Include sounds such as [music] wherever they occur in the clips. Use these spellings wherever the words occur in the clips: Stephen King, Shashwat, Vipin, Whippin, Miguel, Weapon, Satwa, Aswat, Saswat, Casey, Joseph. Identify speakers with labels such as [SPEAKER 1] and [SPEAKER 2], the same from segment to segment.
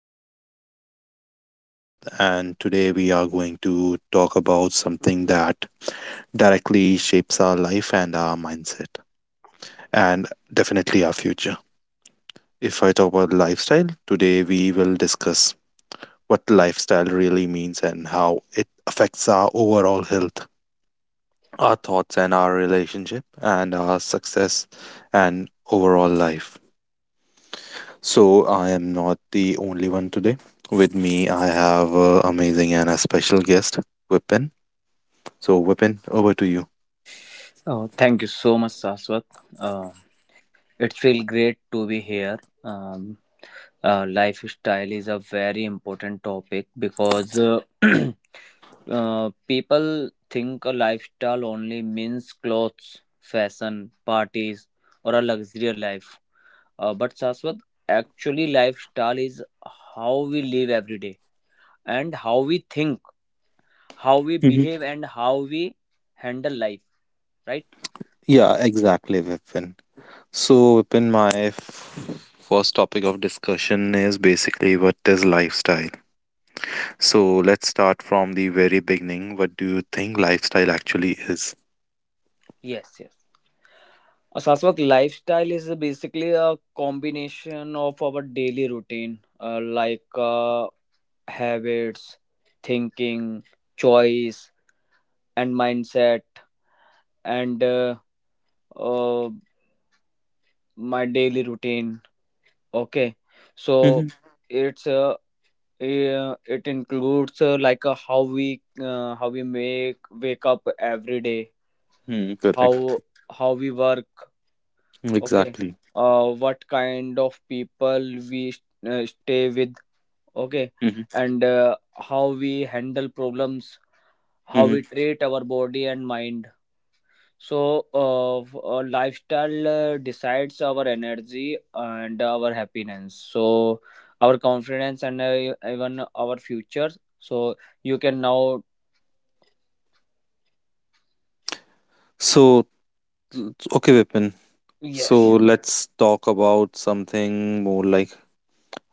[SPEAKER 1] podcast. My name is Shashwat, and today we are going to talk about something that directly shapes our life and our mindset, and definitely our future. If I talk about lifestyle, today we will discuss what lifestyle really means and how it affects our overall health, our thoughts, and our relationship, and our success and overall life. So, I am not the only one today. With me, I have amazing and a special guest, Whippin. So, Whippin, over to you.
[SPEAKER 2] Oh, thank you so much, Saswat. Uh, it feels great to be here. Lifestyle is a very important topic because [clears throat] people think a lifestyle only means clothes, fashion, parties, or a luxurious life. But Saswat, actually, lifestyle is how we live every day and how we think, how we
[SPEAKER 1] Hmm.
[SPEAKER 2] behave, and how we handle life. Right?
[SPEAKER 1] Yeah, exactly, Vipin. So, Vipin, my first topic of discussion is basically what is lifestyle. So, let's start from the very beginning. What do you think lifestyle actually is?
[SPEAKER 2] Yes. Yes. Shashwat, lifestyle is basically a combination of our daily routine, habits, thinking, choice, and mindset, and uh, my daily routine. Okay, so
[SPEAKER 1] Hmm.
[SPEAKER 2] it's it includes how we make wake up every day,
[SPEAKER 1] Hmm, correct.
[SPEAKER 2] how we work. Okay,
[SPEAKER 1] Exactly.
[SPEAKER 2] what kind of people we stay with, okay,
[SPEAKER 1] Hmm.
[SPEAKER 2] and how we handle problems, how
[SPEAKER 1] Hmm.
[SPEAKER 2] we treat our body and mind, so lifestyle decides our energy and our happiness, so our confidence and even our future. So you can now,
[SPEAKER 1] So, t- okay, Vipin. So
[SPEAKER 2] yes,
[SPEAKER 1] let's talk about something more like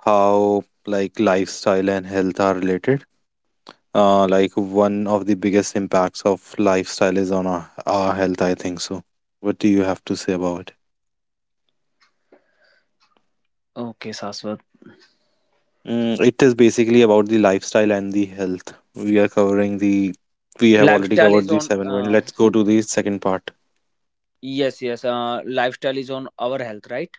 [SPEAKER 1] how like lifestyle and health are related. Like, one of the biggest impacts of lifestyle is on our health, I think so. What do you have to say about it?
[SPEAKER 2] okay, Saswat,
[SPEAKER 1] It is basically about the lifestyle and the health. We have already
[SPEAKER 2] lifestyle
[SPEAKER 1] covered
[SPEAKER 2] is
[SPEAKER 1] the
[SPEAKER 2] on
[SPEAKER 1] seven point. Let's go to the second part.
[SPEAKER 2] yes, yes, lifestyle is on our health, right?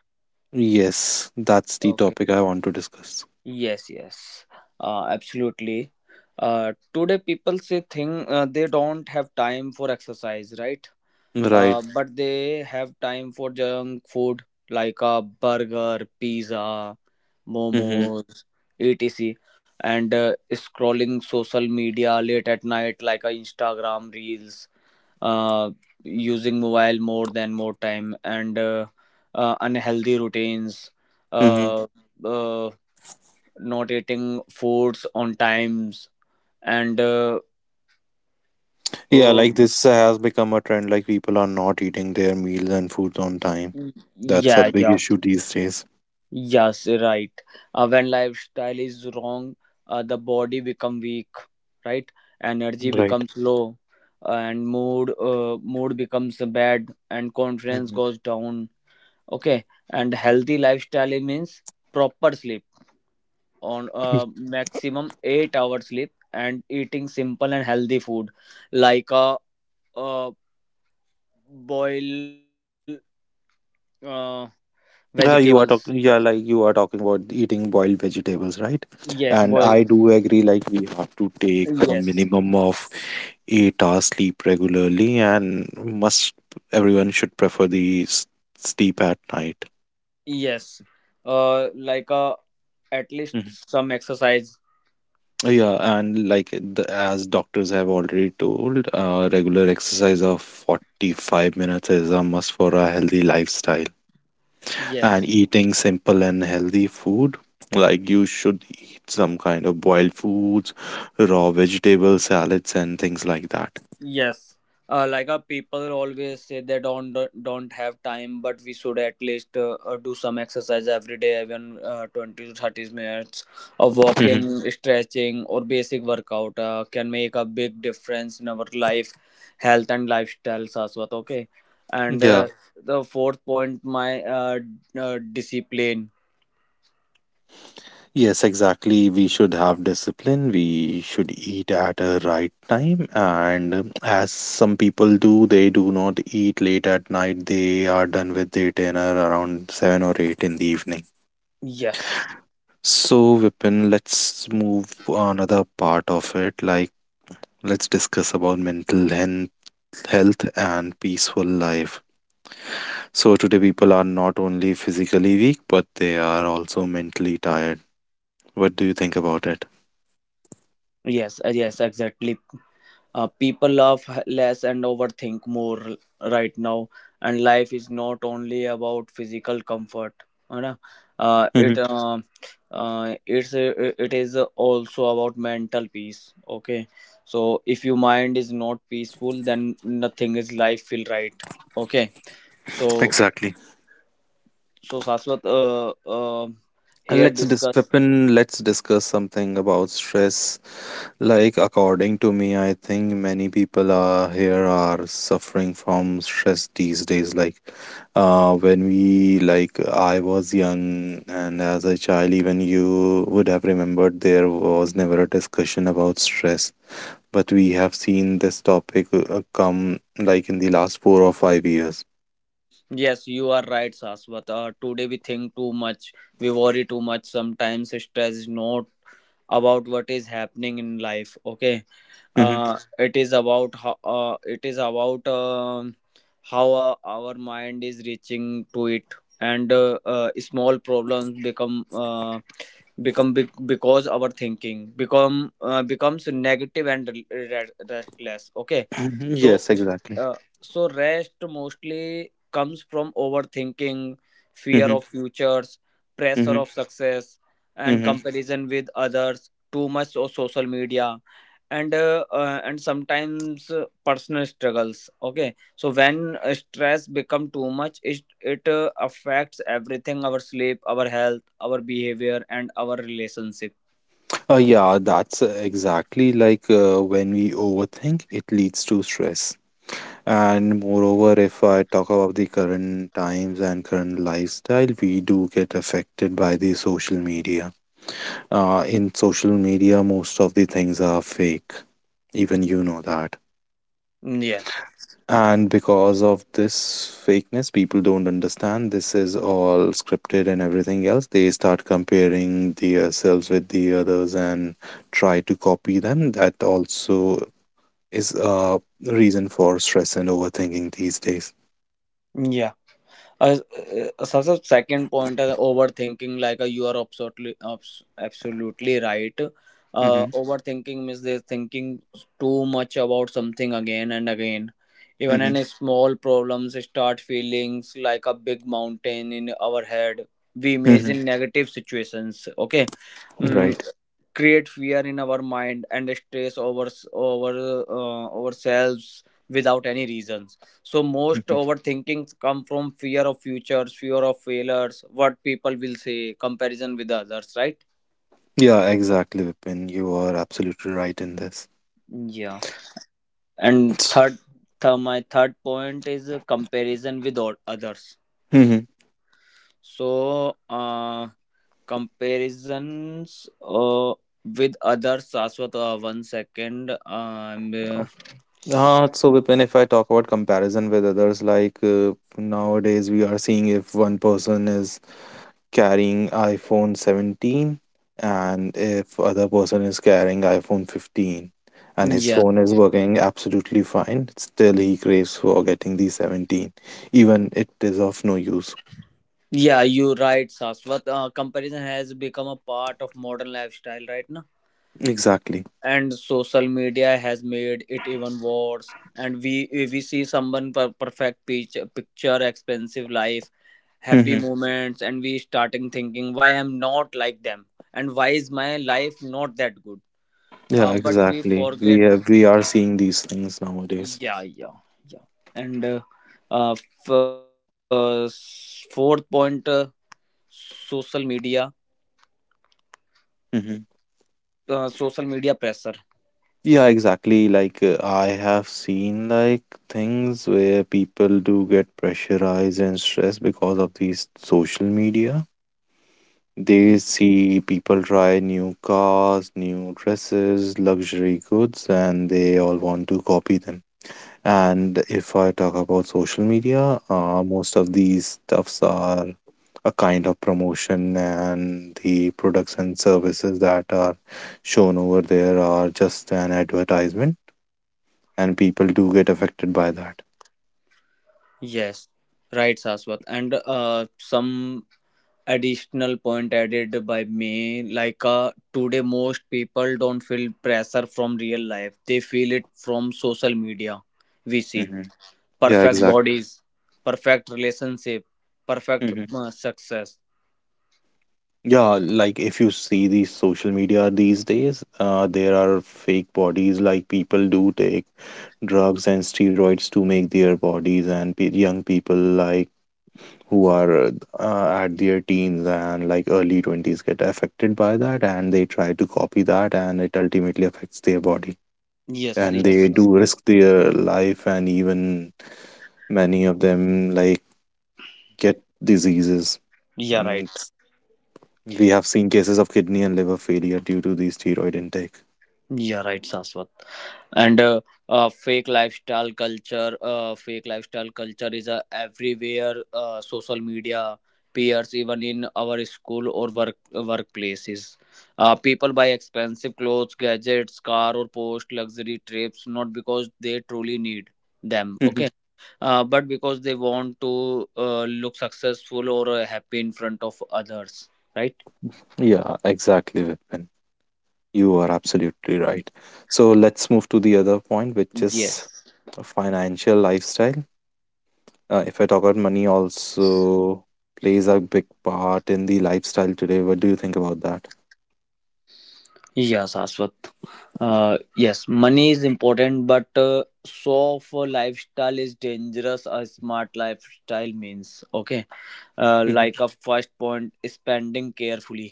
[SPEAKER 1] Yes, that's the
[SPEAKER 2] Okay.
[SPEAKER 1] topic I want to discuss.
[SPEAKER 2] Yes, yes, absolutely. Today, people say thing they don't have time for exercise, right?
[SPEAKER 1] Right.
[SPEAKER 2] But they have time for junk food like a burger, pizza,
[SPEAKER 1] Mm-hmm.
[SPEAKER 2] momos, etc. And scrolling social media late at night like Instagram reels, uh, using mobile more than more time, and unhealthy routines. Uh, uh, not eating foods on times, and
[SPEAKER 1] Yeah,
[SPEAKER 2] uh,
[SPEAKER 1] like this has become a trend. Like, people are not eating their meals and foods on time. That's a
[SPEAKER 2] yeah,
[SPEAKER 1] big
[SPEAKER 2] yeah.
[SPEAKER 1] issue these days.
[SPEAKER 2] Yes, right. When lifestyle is wrong, the body become weak, right, energy
[SPEAKER 1] Right.
[SPEAKER 2] becomes low, and mood becomes bad, and confidence
[SPEAKER 1] Mhm.
[SPEAKER 2] goes down. Okay. And healthy lifestyle means proper sleep, on maximum 8 hours sleep, and eating simple and healthy food like a uh, boil, uh,
[SPEAKER 1] Yeah,
[SPEAKER 2] vegetables.
[SPEAKER 1] you are talking. Yeah, like, you are talking about eating boiled vegetables, right?
[SPEAKER 2] Yes,
[SPEAKER 1] And
[SPEAKER 2] boil.
[SPEAKER 1] I do agree, like we have to take a
[SPEAKER 2] Yes,
[SPEAKER 1] minimum of 8 hours sleep regularly, and must everyone should prefer the sleep at night.
[SPEAKER 2] yes. uh like uh at least some exercise.
[SPEAKER 1] Yeah, and like as doctors have already told, regular exercise of 45 minutes is a must for a healthy lifestyle. And
[SPEAKER 2] Yes.
[SPEAKER 1] eating simple and healthy food, like you should eat some kind of boiled foods, raw vegetables, salads, and things like that.
[SPEAKER 2] Yes, people always say they don't have time, but we should at least do some exercise every day, even 20 to 30 minutes of
[SPEAKER 1] Mhm.
[SPEAKER 2] walking, stretching, or basic workout can make a big difference in our life, health and lifestyle. Saswat, okay. And
[SPEAKER 1] Yeah.
[SPEAKER 2] the fourth point, my discipline.
[SPEAKER 1] Yes, exactly. We should have discipline. We should eat at a right time. And as some people do, they do not eat late at night. They are done with their dinner around 7 or 8 in the evening.
[SPEAKER 2] Yes,
[SPEAKER 1] So, Vipin, let's move another part of it. Like, let's discuss about mental health and peaceful life. So, today people are not only physically weak, but they are also mentally tired. What do you think about it?
[SPEAKER 2] yes, yes, exactly. People laugh less and overthink more right now, and life is not only about physical comfort. है ना? Uh,
[SPEAKER 1] Hmm.
[SPEAKER 2] it uh, uh, it's uh, it is also about mental peace. Okay. So if your mind is not peaceful, then nothing is life feel right. Okay. So
[SPEAKER 1] Exactly.
[SPEAKER 2] so Saswat, uh, here discuss.
[SPEAKER 1] Vipin, let's discuss something about stress. Like, according to me, I think many people are here are suffering from stress these days. Like, when we, like, I was young and as a child, even you would have remembered there was never a discussion about stress. But we have seen this topic come like in the last 4 or 5 years.
[SPEAKER 2] Yes, you are right, Saswat. Today we think too much, we worry too much. Sometimes stress is not about what is happening in life, okay, it is about how it is about how our mind is reaching to it, and small problems become become big because our thinking becomes negative and restless. Okay.
[SPEAKER 1] Mm-hmm. [clears throat]
[SPEAKER 2] So
[SPEAKER 1] Yes,
[SPEAKER 2] it's,
[SPEAKER 1] exactly.
[SPEAKER 2] uh, so rest mostly comes from overthinking, fear
[SPEAKER 1] Mm-hmm.
[SPEAKER 2] of futures, pressure of success, and
[SPEAKER 1] Mm-hmm.
[SPEAKER 2] comparison with others. Too much of social media and and sometimes personal struggles. Okay, so when stress become too much, it affects everything: our sleep, our health, our behavior, and our relationship.
[SPEAKER 1] Yeah, that's exactly like when we overthink, it leads to stress. And moreover, if I talk about the current times and current lifestyle, we do get affected by the social media. In social media, most of the things are fake. Even you know that.
[SPEAKER 2] Yes.
[SPEAKER 1] And because of this fakeness, people don't understand this is all scripted and everything else. They start comparing themselves with the others and try to copy them. That also is a reason for stress and overthinking these days.
[SPEAKER 2] Yeah. Uh, so second point is overthinking. Like you are absolutely right.
[SPEAKER 1] Mm-hmm.
[SPEAKER 2] Overthinking means they're thinking too much about something again and again. Even
[SPEAKER 1] Mm-hmm.
[SPEAKER 2] any small problems start feelings like a big mountain in our head. We
[SPEAKER 1] Mm-hmm.
[SPEAKER 2] imagine negative situations. Okay. Mm,
[SPEAKER 1] Right.
[SPEAKER 2] create fear in our mind and stress over ourselves without any reasons. So most
[SPEAKER 1] Hmm.
[SPEAKER 2] overthinking come from fear of futures, fear of failures, what people will say, comparison with others, right?
[SPEAKER 1] Yeah, exactly, Vipin. You are absolutely right in this.
[SPEAKER 2] Yeah. And third, my third point is comparison with others.
[SPEAKER 1] Mm-hmm.
[SPEAKER 2] So comparisons with others, Saswat, one second
[SPEAKER 1] So, Vipin, if I talk about comparison with others, like, nowadays we are seeing if one person is carrying iPhone 17 and if other person is carrying iPhone 15 and his
[SPEAKER 2] yeah.
[SPEAKER 1] phone is working absolutely fine, still he craves for getting the 17, even it is of no use.
[SPEAKER 2] Yeah, you're right, Saswat. Comparison has become a part of modern lifestyle right now,
[SPEAKER 1] Exactly.
[SPEAKER 2] and social media has made it even worse. And we see someone perfect picture, expensive life, happy
[SPEAKER 1] Mm-hmm.
[SPEAKER 2] moments, and we starting thinking, why I'm not like them, and why is my life not that good?
[SPEAKER 1] Yeah,
[SPEAKER 2] But we
[SPEAKER 1] exactly.
[SPEAKER 2] forget.
[SPEAKER 1] We are seeing these things nowadays.
[SPEAKER 2] Yeah, yeah, yeah. And fourth point, social media,
[SPEAKER 1] Mm-hmm.
[SPEAKER 2] social media pressure.
[SPEAKER 1] Yeah, exactly. Like, I have seen like things where people do get pressurized and stressed because of these social media. They see people try new cars, new dresses, luxury goods, and they all want to copy them. And if I talk about social media, most of these stuffs are a kind of promotion, and the products and services that are shown over there are just an advertisement, and people do get affected by that.
[SPEAKER 2] Yes, right, Saswat. And some additional point added by me, like today most people don't feel pressure from real life. They feel it from social media. We see
[SPEAKER 1] Hmm. Yeah,
[SPEAKER 2] perfect
[SPEAKER 1] exactly.
[SPEAKER 2] bodies, perfect relationship, perfect
[SPEAKER 1] Hmm.
[SPEAKER 2] success.
[SPEAKER 1] Yeah, like if you see these social media these days, there are fake bodies. Like, people do take drugs and steroids to make their bodies, and pe young people like who are at their teens and like early 20s get affected by that, and they try to copy that, and it ultimately affects their body.
[SPEAKER 2] Yes,
[SPEAKER 1] And they
[SPEAKER 2] yes.
[SPEAKER 1] do risk their life, and even many of them, like, get diseases.
[SPEAKER 2] Yeah, right.
[SPEAKER 1] Mm, We have seen cases of kidney and liver failure due to the steroid intake.
[SPEAKER 2] Yeah, right, Saswat. And fake lifestyle culture, fake lifestyle culture is everywhere: social media, peers, even in our school or workplaces. People buy expensive clothes, gadgets, car, or post luxury trips, not because they truly need them,
[SPEAKER 1] Mhm.
[SPEAKER 2] okay, but because they want to look successful or happy in front of others, right?
[SPEAKER 1] Yeah, exactly, Vipin. You are absolutely right. So let's move to the other point, which is
[SPEAKER 2] Yes,
[SPEAKER 1] a financial lifestyle. If I talk about money, also plays a big part in the lifestyle today. What do you think about that?
[SPEAKER 2] yes, Aswat. Yes, money is important, but so of a lifestyle is dangerous. A smart lifestyle means, okay,
[SPEAKER 1] Mhm.
[SPEAKER 2] like a first point, spending carefully.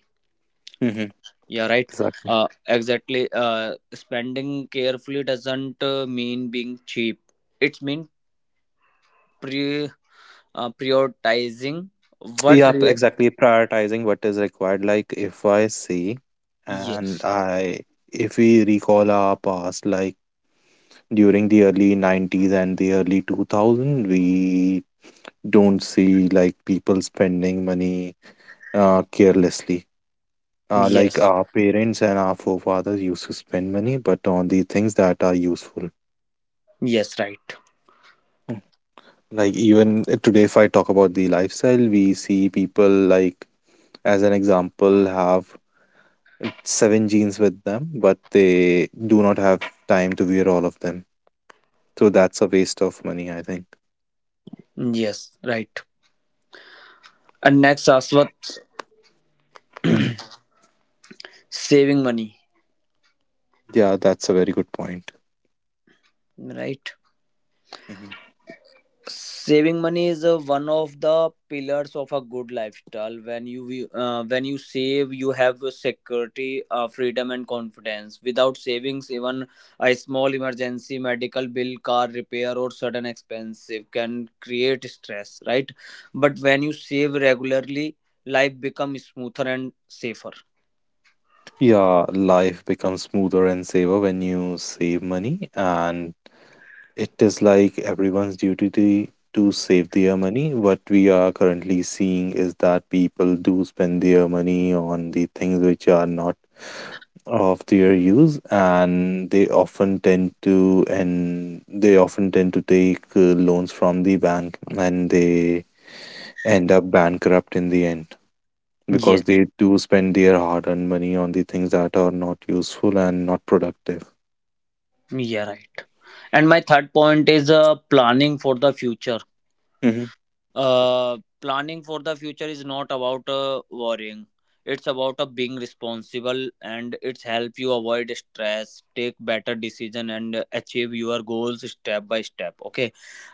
[SPEAKER 1] Mhm.
[SPEAKER 2] Yeah, right.
[SPEAKER 1] Exactly.
[SPEAKER 2] Exactly. Spending carefully doesn't mean being cheap. It means pre prioritizing what.
[SPEAKER 1] Yep, exactly. Prioritizing what is required. Like, if I see, and
[SPEAKER 2] Yes.
[SPEAKER 1] I, if we recall our past, like during the early 90s and the early 2000, we don't see like people spending money carelessly, like
[SPEAKER 2] Yes.
[SPEAKER 1] our parents and our forefathers used to spend money, but on the things that are useful.
[SPEAKER 2] Yes. Right.
[SPEAKER 1] Mm. Like, even today, if I talk about the lifestyle, we see people, like as an example, have seven jeans with them, but they do not have time to wear all of them, so that's a waste of money, I think.
[SPEAKER 2] Yes. Right. And next, Aswat,
[SPEAKER 1] Mhm.
[SPEAKER 2] saving money.
[SPEAKER 1] Yeah, that's a very good point.
[SPEAKER 2] Right.
[SPEAKER 1] Mhm.
[SPEAKER 2] Saving money is one of the pillars of a good lifestyle. When you when you save, you have a security, freedom, and confidence. Without savings, even a small emergency, medical bill, car repair, or sudden expensive can create stress, right? But when you save regularly, life becomes smoother and safer.
[SPEAKER 1] Yeah, life becomes smoother and safer when you save money, and it is like everyone's duty to save their money. What we are currently seeing is that people do spend their money on the things which are not of their use, and they often tend to and they often tend to take loans from the bank, and they end up bankrupt in the end, because
[SPEAKER 2] Yes.
[SPEAKER 1] they do spend their hard-earned money on the things that are not useful and not productive.
[SPEAKER 2] Yeah, right. And my third point is planning for the future.
[SPEAKER 1] Hmm.
[SPEAKER 2] Planning for the future is not about worrying. It's about being responsible, and it's help you avoid stress, take better decision, and achieve your goals step by step. Okay,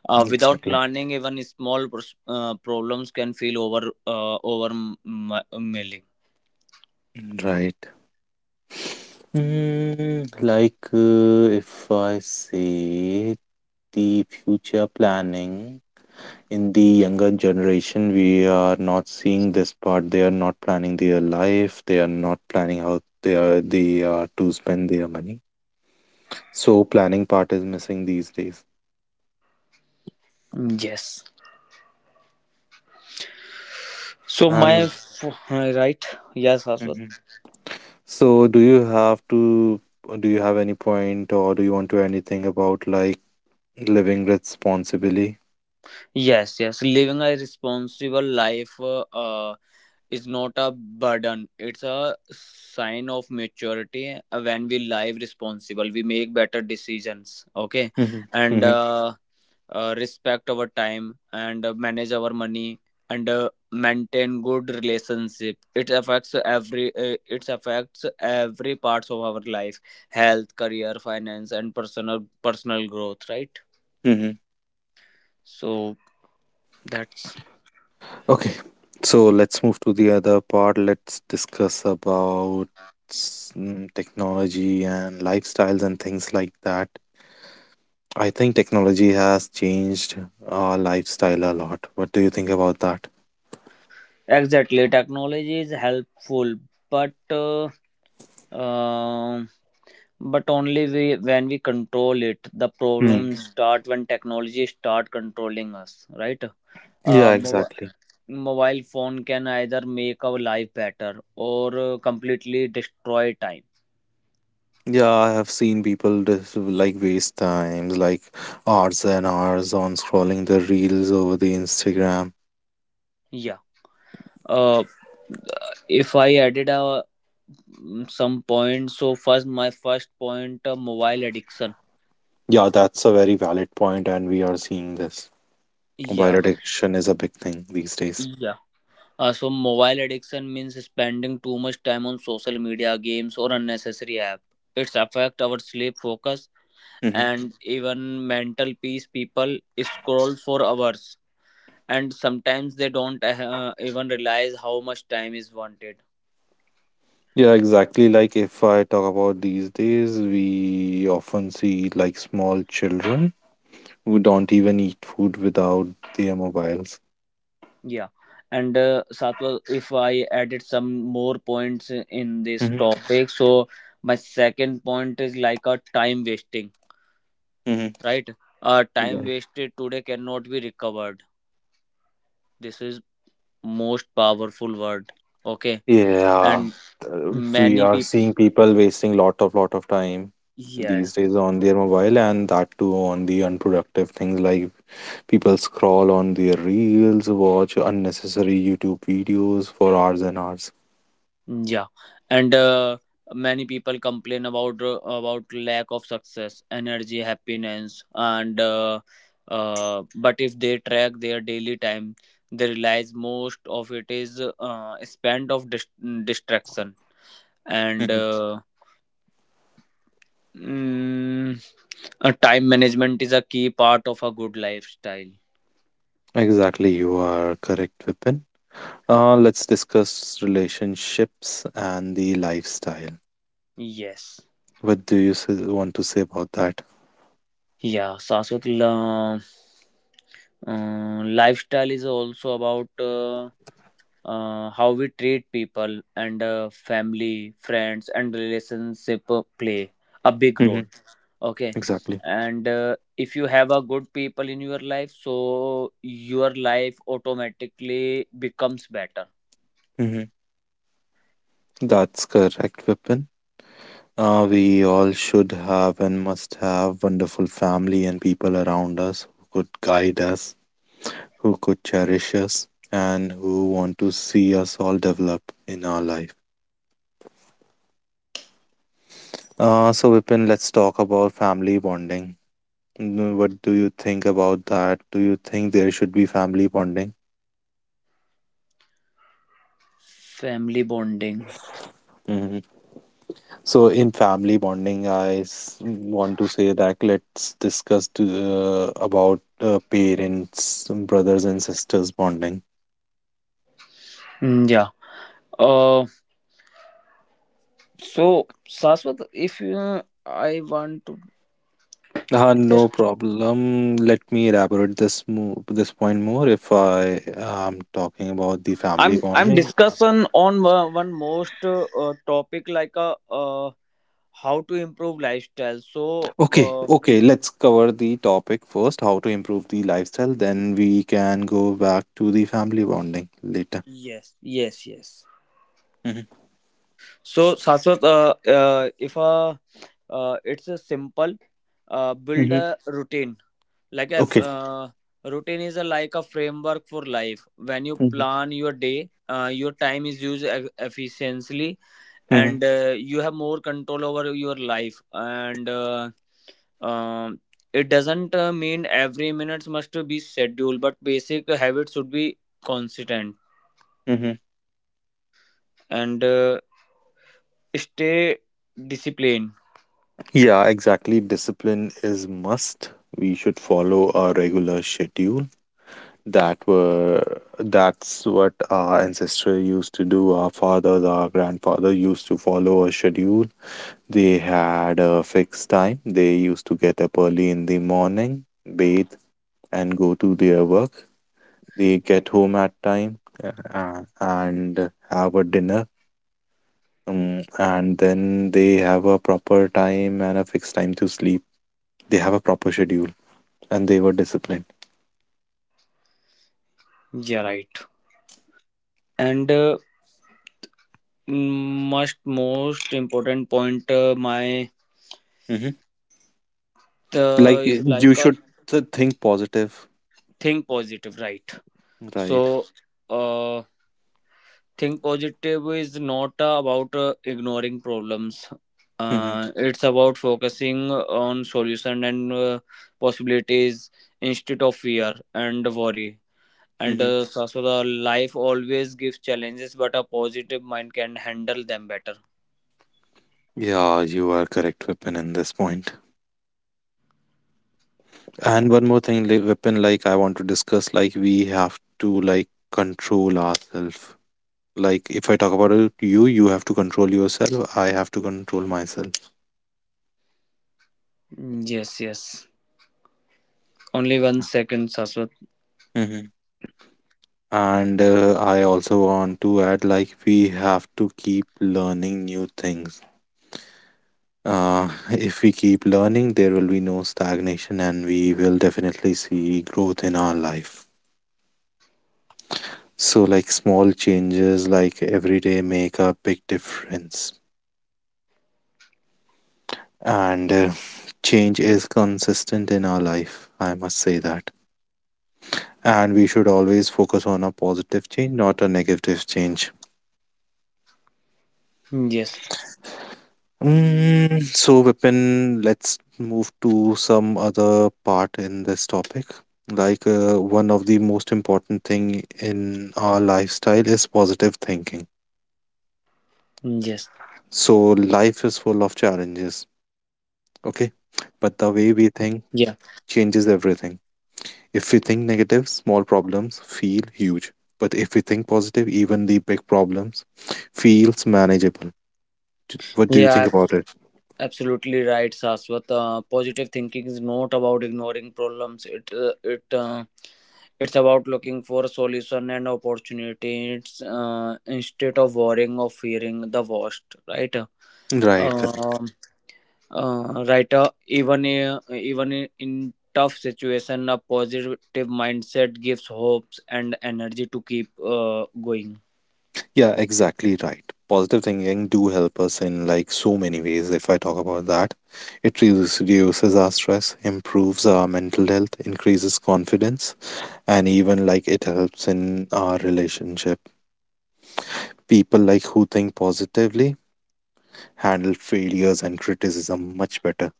[SPEAKER 2] without
[SPEAKER 1] Exactly.
[SPEAKER 2] planning, even small problems can feel overwhelming.
[SPEAKER 1] Right. Like, if I say, the future planning in the younger generation, we are not seeing this part. They are not planning their life. They are not planning how they are to spend their money. So planning part is missing these days.
[SPEAKER 2] Yes. So my
[SPEAKER 1] And.
[SPEAKER 2] f- right, yes, Shashwat.
[SPEAKER 1] Mhm. So, do you have to do you have any point, or do you want to anything about, like, living responsibly?
[SPEAKER 2] Yes, yes. Living a responsible life is not a burden. It's a sign of maturity. When we live responsible, we make better decisions. Okay,
[SPEAKER 1] Mm-hmm.
[SPEAKER 2] and respect our time and manage our money and maintain good relationship. It affects every. It affects every parts of our life: health, career, finance, and personal growth. Right.
[SPEAKER 1] Mm-hmm.
[SPEAKER 2] So that's
[SPEAKER 1] Okay, so let's move to the other part. Let's discuss about technology and lifestyles and things like that. I think technology has changed our lifestyle a lot. What do you think about that?
[SPEAKER 2] exactly, technology is helpful, but uh, um but only we, when we control it. The
[SPEAKER 1] Hmm.
[SPEAKER 2] problems start when technology start controlling us, right? Uh,
[SPEAKER 1] Yeah,
[SPEAKER 2] mo-
[SPEAKER 1] exactly.
[SPEAKER 2] mobile phone can either make our life better or completely destroy time.
[SPEAKER 1] Yeah, I have seen people just, like, waste times, like hours and hours on scrolling the reels over the Instagram.
[SPEAKER 2] Yeah. Uh, if I added a some points, so first my first point, mobile addiction.
[SPEAKER 1] Yeah, that's a very valid point, and we are seeing this. Mobile
[SPEAKER 2] Yeah.
[SPEAKER 1] addiction is a big thing these days.
[SPEAKER 2] Yeah. So mobile addiction means spending too much time on social media, games, or unnecessary app. It's affect our sleep, focus, and even mental peace. People scroll for hours, and sometimes they don't even realize how much time is wanted.
[SPEAKER 1] Yeah, exactly. Like, if I talk about these days, we often see like small children who don't even eat food without their mobiles.
[SPEAKER 2] Yeah, and Satwa, if I added some more points in this
[SPEAKER 1] Hmm.
[SPEAKER 2] topic, so my second point is like a time wasting,
[SPEAKER 1] Hmm.
[SPEAKER 2] right?
[SPEAKER 1] Yeah.
[SPEAKER 2] Time wasted today cannot be recovered. This is most powerful word. Okay.
[SPEAKER 1] Yeah.
[SPEAKER 2] And
[SPEAKER 1] We
[SPEAKER 2] many
[SPEAKER 1] are
[SPEAKER 2] people,
[SPEAKER 1] seeing people wasting lot of time
[SPEAKER 2] yeah,
[SPEAKER 1] these days on their mobile, and that too on the unproductive things, like people scroll on their reels, watch unnecessary YouTube videos for hours and hours.
[SPEAKER 2] yeah, and many people complain about lack of success, energy, happiness, and but if they track their daily time, they realize most of it is spent of distraction, and
[SPEAKER 1] Mhm.
[SPEAKER 2] mm, time management is a key part of a good lifestyle.
[SPEAKER 1] Exactly, you are correct, Vipin. Let's discuss relationships and the lifestyle.
[SPEAKER 2] Yes.
[SPEAKER 1] What do you say, want to say about that?
[SPEAKER 2] Yeah, Saswat, lifestyle is also about how we treat people and family, friends, and relationship play a big role.
[SPEAKER 1] Hmm.
[SPEAKER 2] Okay,
[SPEAKER 1] Exactly.
[SPEAKER 2] and if you have a good people in your life, so your life automatically becomes better.
[SPEAKER 1] Hmm. That's correct, Vipin. We all should have and must have wonderful family and people around us who could guide us, who could cherish us, and who want to see us all develop in our life. So, Vipin, let's talk about family bonding. What do you think about that? Do you think there should be family bonding?
[SPEAKER 2] Family bonding.
[SPEAKER 1] So, in family bonding, I want to say that let's discuss about parents, brothers and sisters bonding.
[SPEAKER 2] Mm, yeah. Uh, so Saswat, if you, I want to just
[SPEAKER 1] No problem. Let me elaborate this point more, if I am talking about the family
[SPEAKER 2] I'm
[SPEAKER 1] bonding.
[SPEAKER 2] discussing on one most topic like a, how to improve lifestyle. So
[SPEAKER 1] Okay, okay, let's cover the topic first, how to improve the lifestyle, then we can go back to the family bonding later.
[SPEAKER 2] yes, yes, yes.
[SPEAKER 1] Hmm.
[SPEAKER 2] So Saswat, if it's a simple, build
[SPEAKER 1] Hmm.
[SPEAKER 2] a routine, like a,
[SPEAKER 1] Okay.
[SPEAKER 2] routine is a, like a framework for life. When you plan your day, your time is used efficiently,
[SPEAKER 1] Hmm.
[SPEAKER 2] and you have more control over your life, and um, it doesn't mean every minutes must be scheduled, but basic habits should be consistent
[SPEAKER 1] Hmm.
[SPEAKER 2] and stay disciplined.
[SPEAKER 1] Yeah, exactly. Discipline is must. We should follow a regular schedule. That were that's what our ancestors used to do. Our fathers, our grandfather used to follow a schedule. They had a fixed time. They used to get up early in the morning, bathe, and go to their work. They get home at time, and have a dinner. And then they have a proper time and a fixed time to sleep. They have a proper schedule, and they were disciplined.
[SPEAKER 2] Yeah, right. And mm, most important point, my
[SPEAKER 1] Mm-hmm. Like,
[SPEAKER 2] is
[SPEAKER 1] you
[SPEAKER 2] like a,
[SPEAKER 1] should think positive,
[SPEAKER 2] think positive, right?
[SPEAKER 1] right?
[SPEAKER 2] So uh think positive is not about ignoring problems,
[SPEAKER 1] Mm-hmm.
[SPEAKER 2] it's about focusing on solution and possibilities instead of fear and worry, and
[SPEAKER 1] Mm-hmm.
[SPEAKER 2] so the life always gives challenges, but a positive mind can handle them better.
[SPEAKER 1] Yeah, you are correct, Weapon, in this point. And one more thing, like, Weapon, like I want to discuss, like we have to like control ourselves. Like if I talk about it, you have to control yourself. I have to control myself.
[SPEAKER 2] Mm, yes, yes, only one second, Saswat.
[SPEAKER 1] Mm-hmm. And I also want to add, like we have to keep learning new things. [laughs] If we keep learning, there will be no stagnation and we will definitely see growth in our life. So, like small changes, like every day, make a big difference. And change is consistent in our life, I must say that. And we should always focus on a positive change, not a negative change.
[SPEAKER 2] Mm, yes.
[SPEAKER 1] Mm, so, Vipin, let's move to some other part in this topic. One of the most important thing in our lifestyle is positive thinking.
[SPEAKER 2] Mm, yes.
[SPEAKER 1] So, life is full of challenges, okay? But the
[SPEAKER 2] Yeah,
[SPEAKER 1] way we think changes everything. If we think negative, small problems feel huge. But if we think positive, even the big problems feels manageable. What do you think
[SPEAKER 2] yeah.
[SPEAKER 1] about it?
[SPEAKER 2] Absolutely right, Saswat. Positive thinking is not about ignoring problems. It's about looking for a solution and opportunities instead of worrying or fearing the worst. Right.
[SPEAKER 1] Right, correct.
[SPEAKER 2] Um, right. Even in tough situation, a positive mindset gives hopes and energy to keep going.
[SPEAKER 1] Yeah, exactly right. Positive thinking do help us in like so many ways. If I talk about that, it reduces our stress, improves our mental health, increases confidence, and even like it helps in our relationship. People like who think positively handle failures and criticism much better.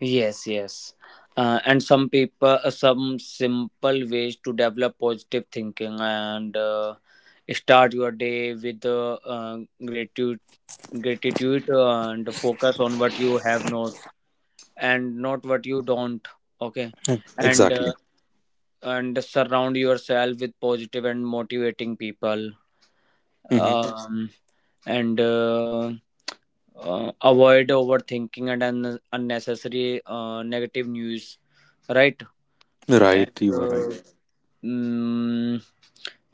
[SPEAKER 2] Yes, yes. And some people, some simple ways to develop positive thinking, and start your day with gratitude, gratitude, and focus on what you have, not and not what you don't. Okay. And,
[SPEAKER 1] Exactly.
[SPEAKER 2] uh, and surround yourself with positive and motivating people,
[SPEAKER 1] Hmm.
[SPEAKER 2] um, and avoid overthinking and unnecessary negative news, right?
[SPEAKER 1] Right,
[SPEAKER 2] And
[SPEAKER 1] you were right.
[SPEAKER 2] mm,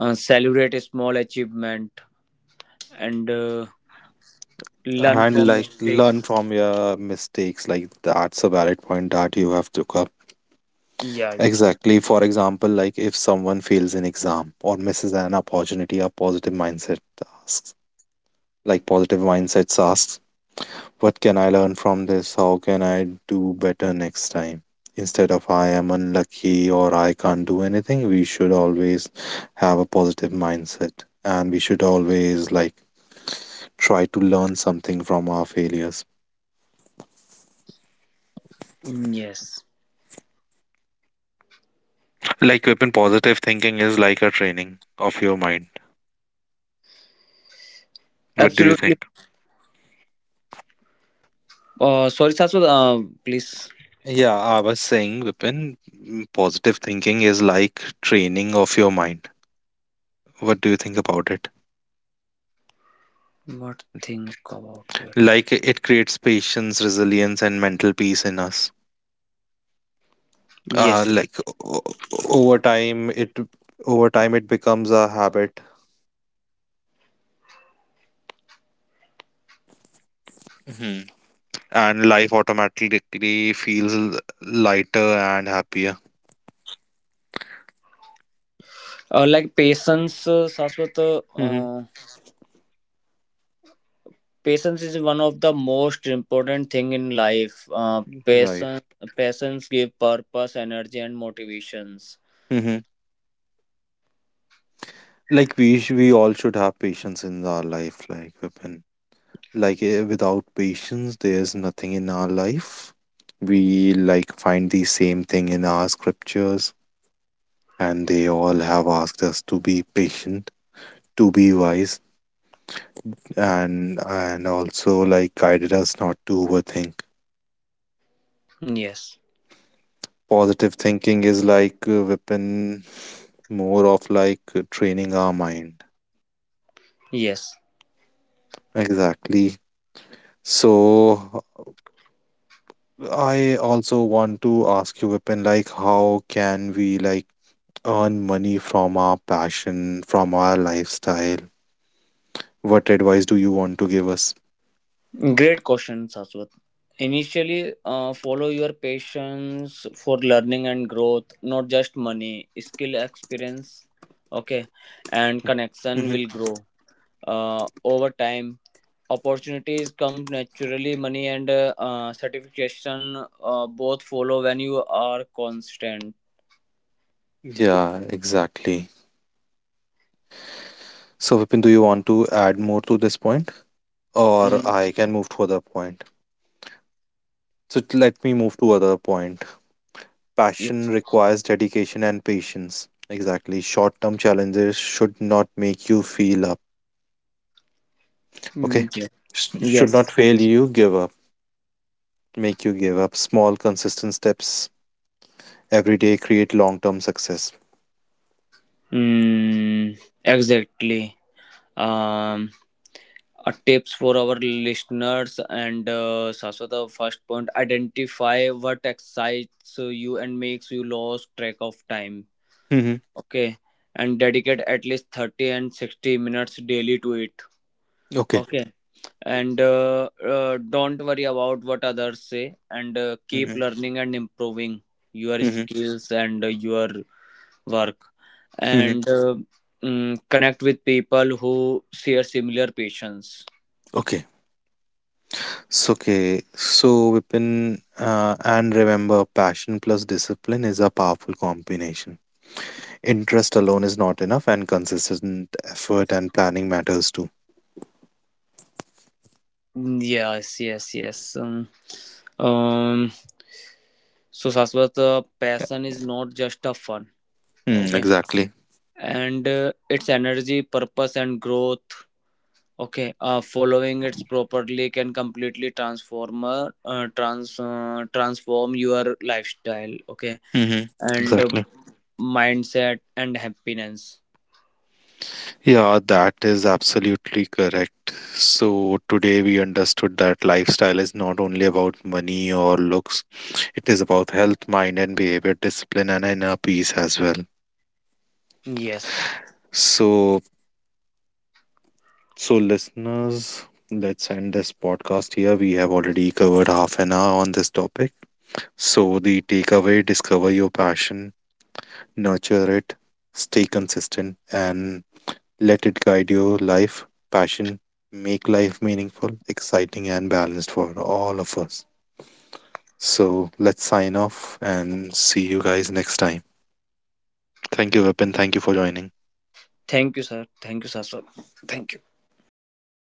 [SPEAKER 2] celebrate a small achievement, and learn
[SPEAKER 1] And
[SPEAKER 2] from
[SPEAKER 1] like learn
[SPEAKER 2] mistakes.
[SPEAKER 1] from your mistakes. Like that's a valid point that you have took up.
[SPEAKER 2] Yeah, yes.
[SPEAKER 1] Exactly. For example, like if someone fails an exam or misses an opportunity, a positive mindset asks, like positive mindsets asks, what can I learn from this? How can I do better next time? Instead of I am unlucky or I can't do anything, we should always have a positive mindset and we should always like try to learn something from our failures.
[SPEAKER 2] Mm, yes,
[SPEAKER 1] Like weapon positive thinking is like a training of your mind. What do you
[SPEAKER 2] absolutely.
[SPEAKER 1] think?
[SPEAKER 2] Sorry Saswat, please.
[SPEAKER 1] Yeah, I was saying, Vipin, mm, positive thinking is like training of your mind. What do you think about it?
[SPEAKER 2] What think about it?
[SPEAKER 1] Like it creates patience, resilience, and mental peace in us. Uh,
[SPEAKER 2] Yes,
[SPEAKER 1] like o- o- over time, it over time it becomes a habit, hmm, and life automatically feels lighter and happier.
[SPEAKER 2] like patience, Saswat, uh,
[SPEAKER 1] Hmm.
[SPEAKER 2] Patience is one of the most important thing in life.
[SPEAKER 1] Right.
[SPEAKER 2] Patience, patience give purpose, energy, and motivations.
[SPEAKER 1] Hmm. Like we we all should have patience in our life, like Vipin. Without patience, there's nothing in our life. We like find the same thing in our scriptures, and they all have asked us to be patient, to be wise, and also like guided us not to overthink.
[SPEAKER 2] Yes,
[SPEAKER 1] Positive thinking is like a weapon, more of like training our mind.
[SPEAKER 2] yes.
[SPEAKER 1] Exactly. So I also want to ask you, weapon, like how can we like earn money from our passion, from our lifestyle? What advice do you want to give us?
[SPEAKER 2] Great question, Saswat. Initially, follow your patience for learning and growth, not just money, skill, experience. Okay, and connection
[SPEAKER 1] Mhm.
[SPEAKER 2] will grow. Over time, opportunities come naturally, money and certification both follow when you are constant.
[SPEAKER 1] Yeah, exactly. So, Vipin, do you want to add more to this point, or
[SPEAKER 2] Mm,
[SPEAKER 1] I can move to other point? So let me move to other point. Passion
[SPEAKER 2] yes.
[SPEAKER 1] requires dedication and patience. Exactly. Short-term challenges should not make you feel up. Okay.
[SPEAKER 2] Mm, yes,
[SPEAKER 1] Should not
[SPEAKER 2] yes.
[SPEAKER 1] fail you, give up, make you give up. Small, consistent steps every day create long-term success.
[SPEAKER 2] Mm, exactly. um tips for our listeners and Saswata, first point, identify what excites you and makes you lose track of time,
[SPEAKER 1] Mm-hmm.
[SPEAKER 2] okay, and dedicate at least 30 and 60 minutes daily to it.
[SPEAKER 1] Okay.
[SPEAKER 2] Okay, and don't worry about what others say, and keep
[SPEAKER 1] Mhm,
[SPEAKER 2] learning and improving your
[SPEAKER 1] mhm,
[SPEAKER 2] skills and your work,
[SPEAKER 1] mhm.
[SPEAKER 2] and connect with people who share similar passions.
[SPEAKER 1] Okay. So, okay. So, Vipin, and remember, passion plus discipline is a powerful combination. Interest alone is not enough, and consistent effort and planning matters too.
[SPEAKER 2] Mm, yes, yes, yes. Um so Saswat,
[SPEAKER 1] Yeah.
[SPEAKER 2] passion is not just a fun.
[SPEAKER 1] Mm,
[SPEAKER 2] Okay,
[SPEAKER 1] exactly.
[SPEAKER 2] and it's energy, purpose, and growth. Okay, following it properly can completely transform your lifestyle. Okay,
[SPEAKER 1] Mm-hmm.
[SPEAKER 2] and
[SPEAKER 1] Exactly.
[SPEAKER 2] mindset and happiness.
[SPEAKER 1] Yeah, that is absolutely correct. So, today we understood that lifestyle is not only about money or looks, it is about health, mind, and behavior, discipline, and inner peace as well.
[SPEAKER 2] Yes.
[SPEAKER 1] So, listeners, let's end this podcast here. We have already covered half an hour on this topic. So, the takeaway discover your passion, nurture it, stay consistent, and let it guide your life. Passion, make life meaningful, exciting, and balanced for all of us. So, let's sign off and see you guys next time. Thank you, Vipin. Thank you for joining.
[SPEAKER 2] Thank you, sir. Thank you, sir. Sir. Thank you.